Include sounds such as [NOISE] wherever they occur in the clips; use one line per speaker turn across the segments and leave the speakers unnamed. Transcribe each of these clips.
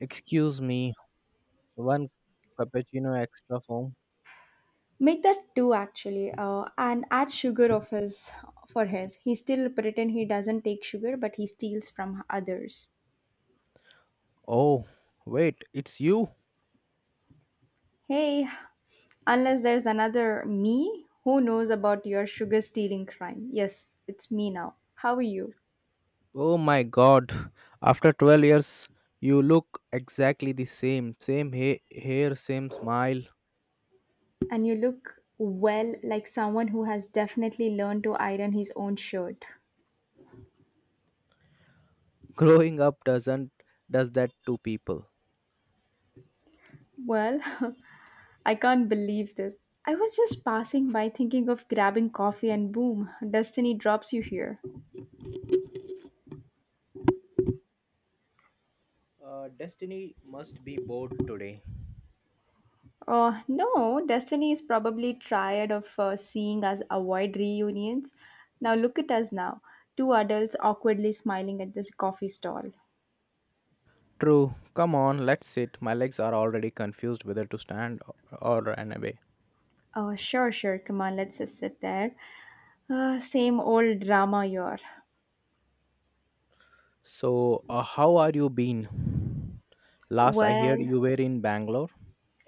Excuse me, one cappuccino extra foam.
Make that two actually, and add sugar of his for his. He still pretend he doesn't take sugar, but he steals from others.
Oh, wait, it's you?
Hey, unless there's another me who knows about your sugar stealing crime. Yes, it's me now. How are you?
Oh my god. After 12 years, you look exactly the same. Same hair, same smile.
And you look well like someone who has definitely learned to iron his own shirt.
[LAUGHS] Growing up doesn't does that to people.
Well, [LAUGHS] I can't believe this. I was just passing by thinking of grabbing coffee and boom, destiny drops you here.
Destiny must be bored today.
No, Destiny is probably tired of seeing us avoid reunions. Now look at us now, two adults awkwardly smiling at this coffee stall.
True. Come on, let's sit. My legs are already confused whether to stand or run away.
Sure, sure, come on, let's just sit there. Same old drama here.
So, how are you been? Last I heard
Well,
you were in Bangalore.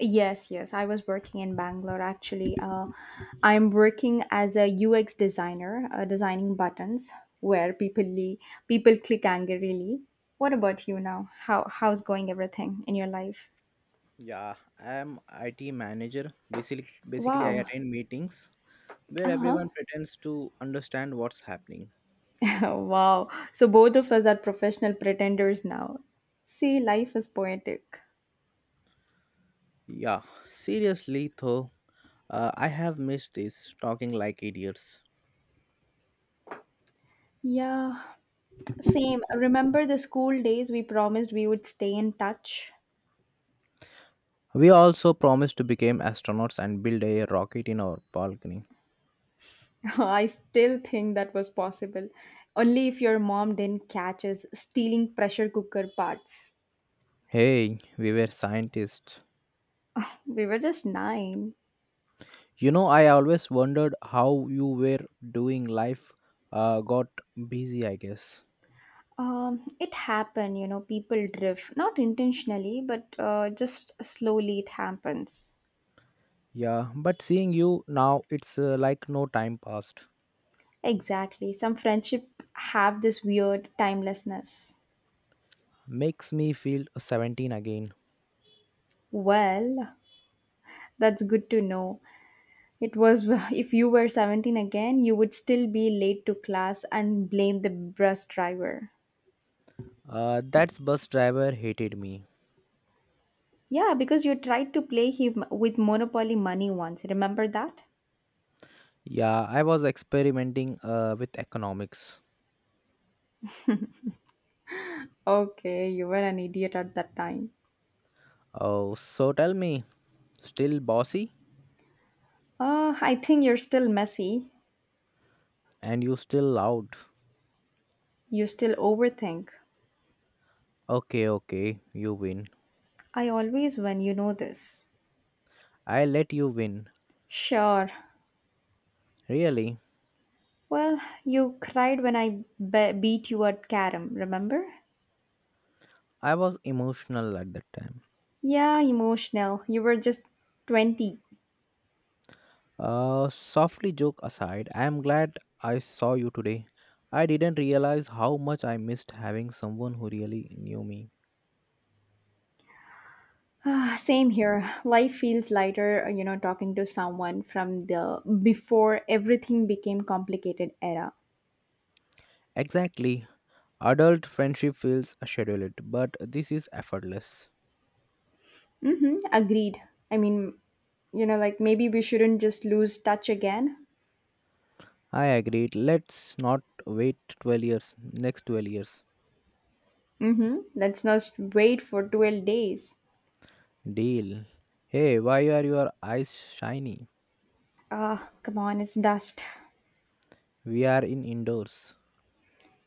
yes, I was working in Bangalore actually. I'm working as a UX designer, designing buttons where people click angrily. What about you now? How's going everything in your life?
Yeah, I'm IT manager. Basically I
Wow.
attend meetings where
Uh-huh.
everyone pretends to understand what's happening.
[LAUGHS] Wow. So both of us are professional pretenders now. See, life is poetic.
Yeah, seriously though, I have missed this talking like idiots.
Yeah, same. Remember the school days we promised we would stay in touch?
We also promised to become astronauts and build a rocket in our balcony.
[LAUGHS] I still think that was possible. Only if your mom didn't catch us stealing pressure cooker parts.
Hey, we were scientists.
We were just nine.
You know, I always wondered how you were doing life. Got busy, I guess.
It happened, you know, people drift. Not intentionally, but just slowly it happens.
Yeah, but seeing you now, it's like no time passed.
Exactly. Some friendship have this weird timelessness.
Makes me feel 17 again.
Well, that's good to know. It was, [LAUGHS] if you were 17 again, you would still be late to class and blame the bus driver.
That bus driver hated me.
Yeah, because you tried to play him with Monopoly money once. Remember that?
Yeah, I was experimenting with economics.
Okay, you were an idiot at that time.
Oh, so tell me, still bossy?
I think you're still messy.
And you still loud?
You still overthink.
Okay, you win.
I always win, you know this.
I let you win.
Sure.
Really?
Well, you cried when I beat you at carom, remember?
I was emotional at that time.
Yeah, emotional. You were just 20.
Softly joke aside, I am glad I saw you today. I didn't realize how much I missed having someone who really knew me.
Ah, same here. Life feels lighter, you know, talking to someone from the before everything became complicated era.
Exactly. Adult friendship feels scheduled, but this is effortless.
Mm-hmm, agreed. I mean, you know, like maybe we shouldn't just lose touch again.
I agreed. Let's not wait 12 years. Next 12 years.
Mm-hmm. Let's not wait for 12 days.
Deal. Hey, why are your eyes shiny?
Ah, come on, it's dust.
We are in indoors.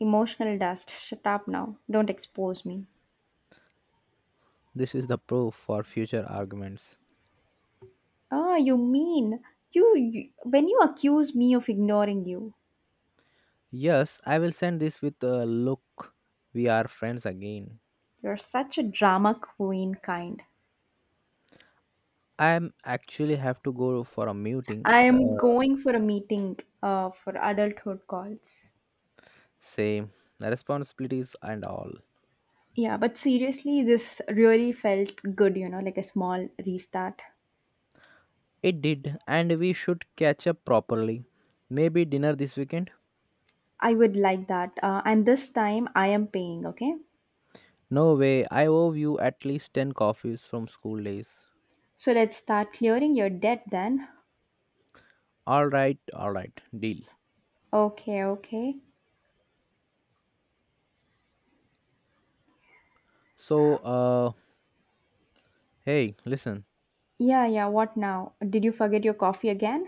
Emotional dust. Shut up now. Don't expose me.
This is the proof for future arguments.
Ah, you mean you when you accuse me of ignoring you,
Yes, I will send this with a look. We are friends again.
you're such a drama queen kind.
I am actually have to go for a meeting.
I am going for a meeting for adulthood calls.
Same responsibilities and all.
Yeah, but seriously, this really felt good, you know, like a small restart.
It did, and we should catch up properly. Maybe dinner this weekend?
I would like that. And this time I am paying, okay?
No way, I owe you at least 10 coffees from school days.
So let's start clearing your debt then.
Alright, deal.
Okay, okay.
So, hey, listen.
Yeah, yeah, what now? Did you forget your coffee again?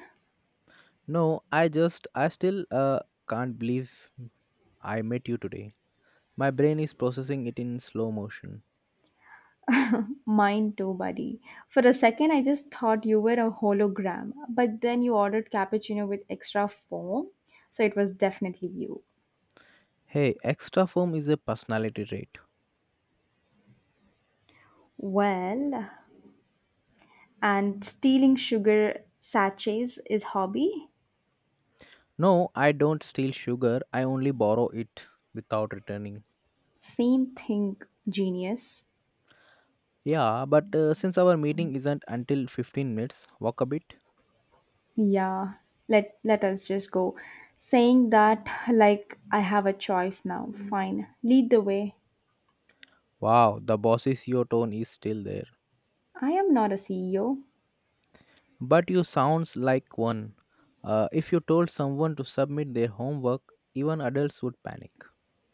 No, I still, can't believe I met you today. My brain is processing it in slow motion.
Mine too, buddy. For a second, I just thought you were a hologram, but then you ordered cappuccino with extra foam, so it was definitely you.
Hey, extra foam is a personality trait.
Well, and stealing sugar sachets is hobby?
No, I don't steal sugar, I only borrow it without returning.
Same thing, genius.
Yeah, but since our meeting isn't until 15 minutes, walk a bit.
Yeah, let us just go. Saying that like I have a choice now. Fine. Lead the way.
Wow, the boss's CEO tone is still there.
I am not a CEO.
But you sounds like one. If you told someone to submit their homework, even adults would panic.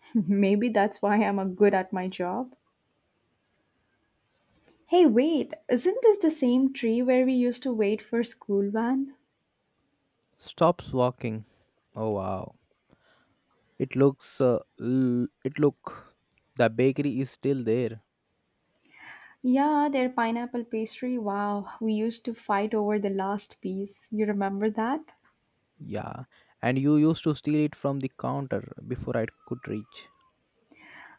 [LAUGHS] Maybe that's why I'm a good at my job. Hey, wait, isn't this the same tree where we used to wait for school van?
Stops walking. Oh wow. It looks it look the bakery is still there.
Yeah, their pineapple pastry. Wow, we used to fight over the last piece. You remember that?
Yeah. And you used to steal it from the counter before I could reach.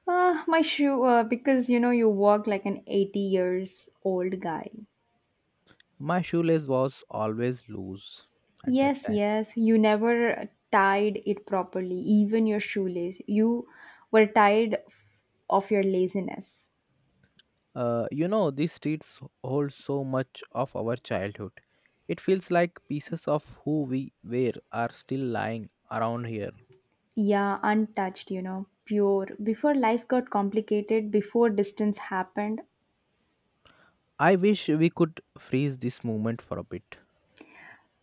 Ah, my shoe, because you know you walk like an 80 years old guy.
My shoelace was always loose at that
Yes,
time.
yes, you never tied it properly, even your shoelace. You were tired f- of your laziness.
You know, these streets hold so much of our childhood. It feels like pieces of who we were are still lying around here.
Yeah, untouched, you know, pure. Before life got complicated, before distance happened.
I wish we could freeze this moment for a bit.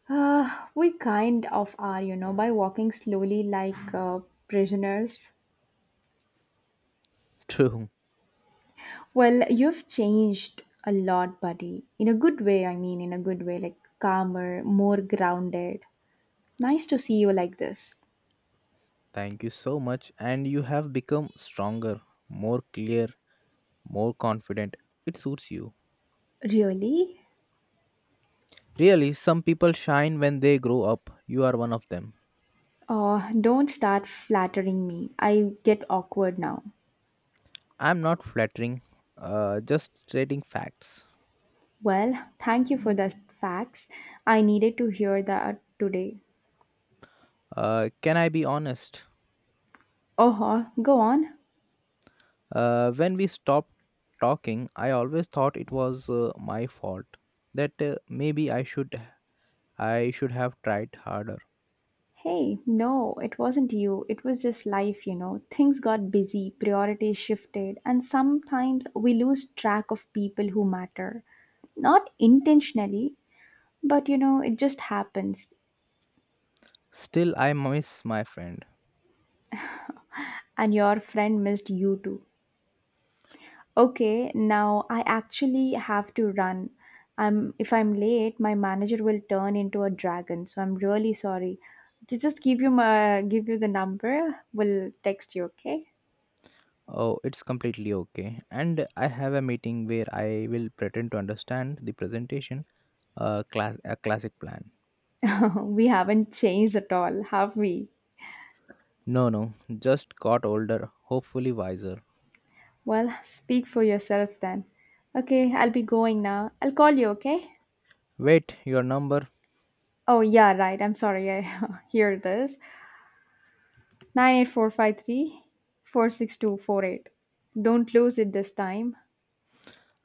We kind of are, you know, by walking slowly like prisoners.
[LAUGHS] True.
Well, you've changed a lot, buddy. In a good way, I mean, in a good way, like calmer, more grounded. Nice to see you like this.
Thank you so much. And you have become stronger, more clear, more confident. It suits you.
Really?
Really, some people shine when they grow up. You are one of them.
Oh, don't start flattering me. I get awkward now.
I'm not flattering, just stating facts.
Well, thank you for the facts. I needed to hear that today.
Can I be honest?
Oh, go on.
When we stopped talking, I always thought it was my fault that maybe I should have tried harder.
Hey, no, it wasn't you. It was just life, you know. Things got busy, priorities shifted, and sometimes we lose track of people who matter. Not intentionally, but you know, it just happens.
Still, I miss my friend.
And your friend missed you too. Okay, now I actually have to run. I'm if I'm late, my manager will turn into a dragon, so I'm really sorry. Just give you the number. We'll text you, okay?
Oh, it's completely okay. And I have a meeting where I will pretend to understand the presentation. A classic plan.
[LAUGHS] We haven't changed at all, have we?
No, just got older. Hopefully wiser.
Well, speak for yourself then. Okay, I'll be going now. I'll call you, okay?
Wait, your number.
Oh, yeah, right. I'm sorry. I [LAUGHS] here it is. 8453 46248. Don't lose it this time.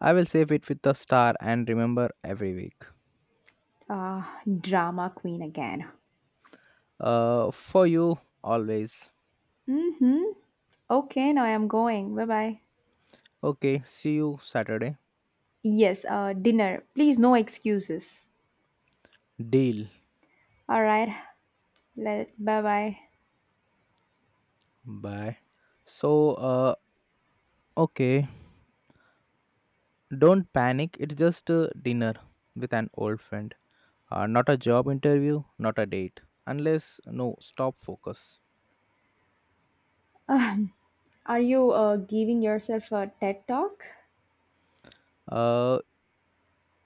I will save it with a star and remember every week.
Ah, drama queen again.
For you always.
Mm-hmm. Okay, now I am going. Bye-bye.
Okay, see you Saturday.
Yes, dinner. Please, no excuses.
Deal.
All right. Let Bye-bye.
Bye. So, uh, okay, don't panic. It's just a dinner with an old friend. Not a job interview, not a date. Unless, no, stop focus.
[LAUGHS] Are you giving yourself a TED talk?
Uh,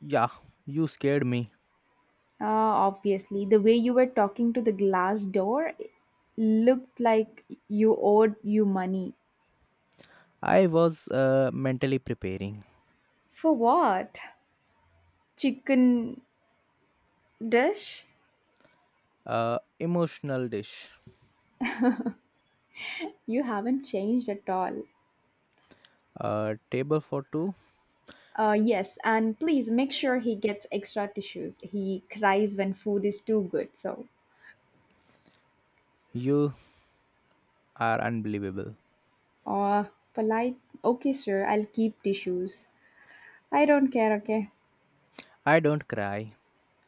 yeah, you scared me.
Obviously, the way you were talking to the glass door looked like you owed you money.
I was mentally preparing.
For what? Chicken dish?
Emotional dish.
You haven't changed at all.
Table for two.
Yes, and please make sure he gets extra tissues. He cries when food is too good, so.
You are unbelievable.
Uh, polite. Okay, sir, I'll keep tissues. I don't care, okay?
I don't cry.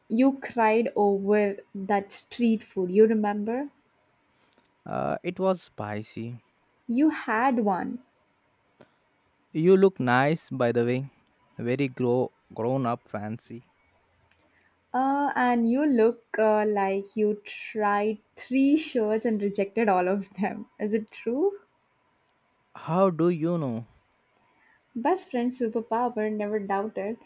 You cried over that street food, you remember?
It was spicy.
You had one.
You look nice, by the way. Very grown up fancy.
And you look like you tried three shirts and rejected all of them. Is it true?
How do you know?
Best friend superpower, never doubted.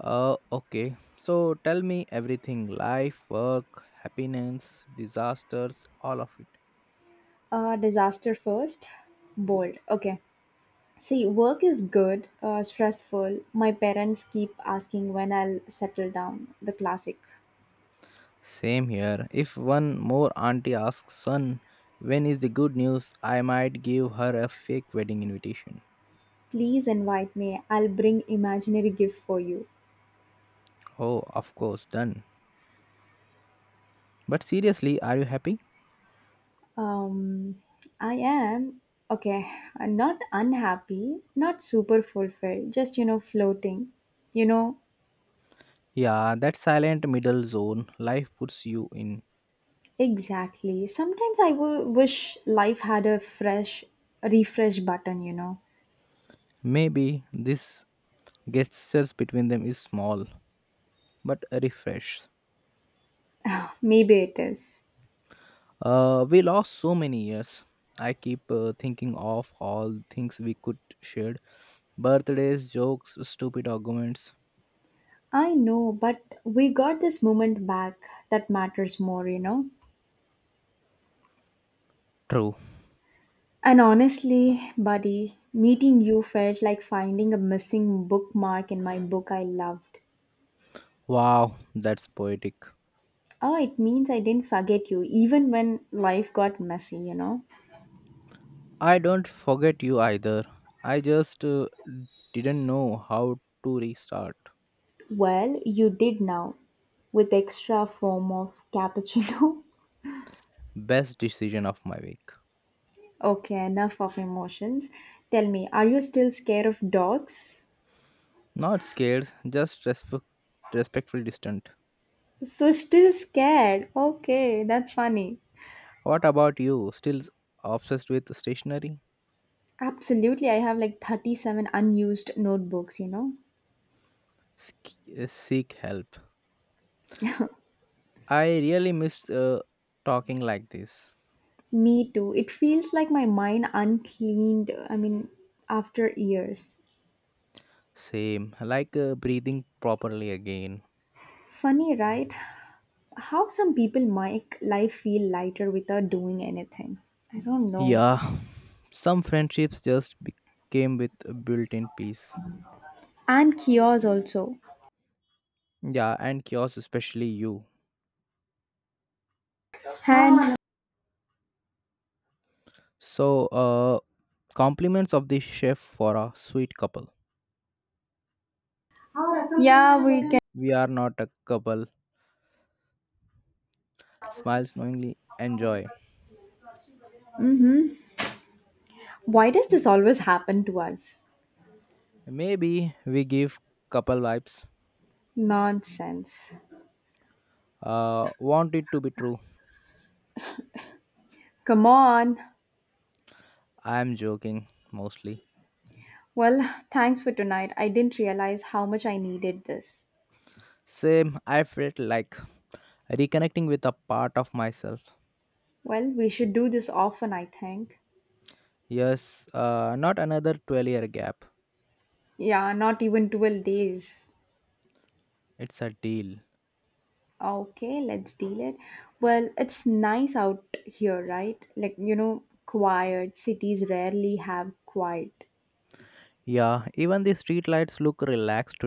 Okay. So tell me everything life, work, happiness, disasters, all of it.
Disaster first. Bold. Okay. See, work is good, stressful. My parents keep asking when I'll settle down. The classic.
Same here. If one more auntie asks, son, when is the good news? I might give her a fake wedding invitation.
Please invite me. I'll bring imaginary gift for you.
Oh, of course, done. But seriously, are you happy?
Um, I am okay. Not unhappy, not super fulfilled, just you know, floating. You know,
Yeah, that silent middle zone life puts you in.
exactly. Sometimes I wish life had a fresh refresh button, you know.
Maybe this gestures between them is small but a refresh,
Maybe it is.
we lost so many years. I keep thinking of all things we could share, birthdays, jokes, stupid arguments.
I know, but we got this moment back that matters more, you know.
True.
And honestly, buddy, meeting you felt like finding a missing bookmark in my book I loved.
Wow, that's poetic.
Oh, it means I didn't forget you, even when life got messy, you know?
I don't forget you either. I just, didn't know how to restart.
Well, you did now, with extra form of cappuccino.
Best decision of my week.
[LAUGHS] Okay, enough of emotions. Tell me, are you still scared of dogs?
Not scared, just respect, respectful distant.
So, still scared. Okay, that's funny.
What about you, still obsessed with stationery?
Absolutely, I have like 37 unused notebooks, you know?
Seek help. I really miss talking like this.
Me too. It feels like my mind uncleaned, I mean, after years.
Same, like breathing properly again.
Funny, right? How some people make life feel lighter without doing anything. I don't know.
Yeah, some friendships just became with a built-in peace.
And chaos also.
Yeah, and yours especially you.
And
So, compliments of the chef for a sweet couple.
yeah, we can.
We are not a couple. Smiles knowingly enjoy.
Hmm. Why does this always happen to us?
Maybe we give couple vibes.
Nonsense.
Want it to be true.
Come on.
I am joking mostly.
Well, thanks for tonight. I didn't realize how much I needed this.
Same, I felt like reconnecting with a part of myself.
Well, we should do this often, I think.
Yes, not another 12-year gap.
Yeah, not even 12 days.
It's a deal.
Okay, let's deal it. Well, it's nice out here, right? Like, you know, quiet. Cities rarely have quiet.
Yeah, even the streetlights look relaxed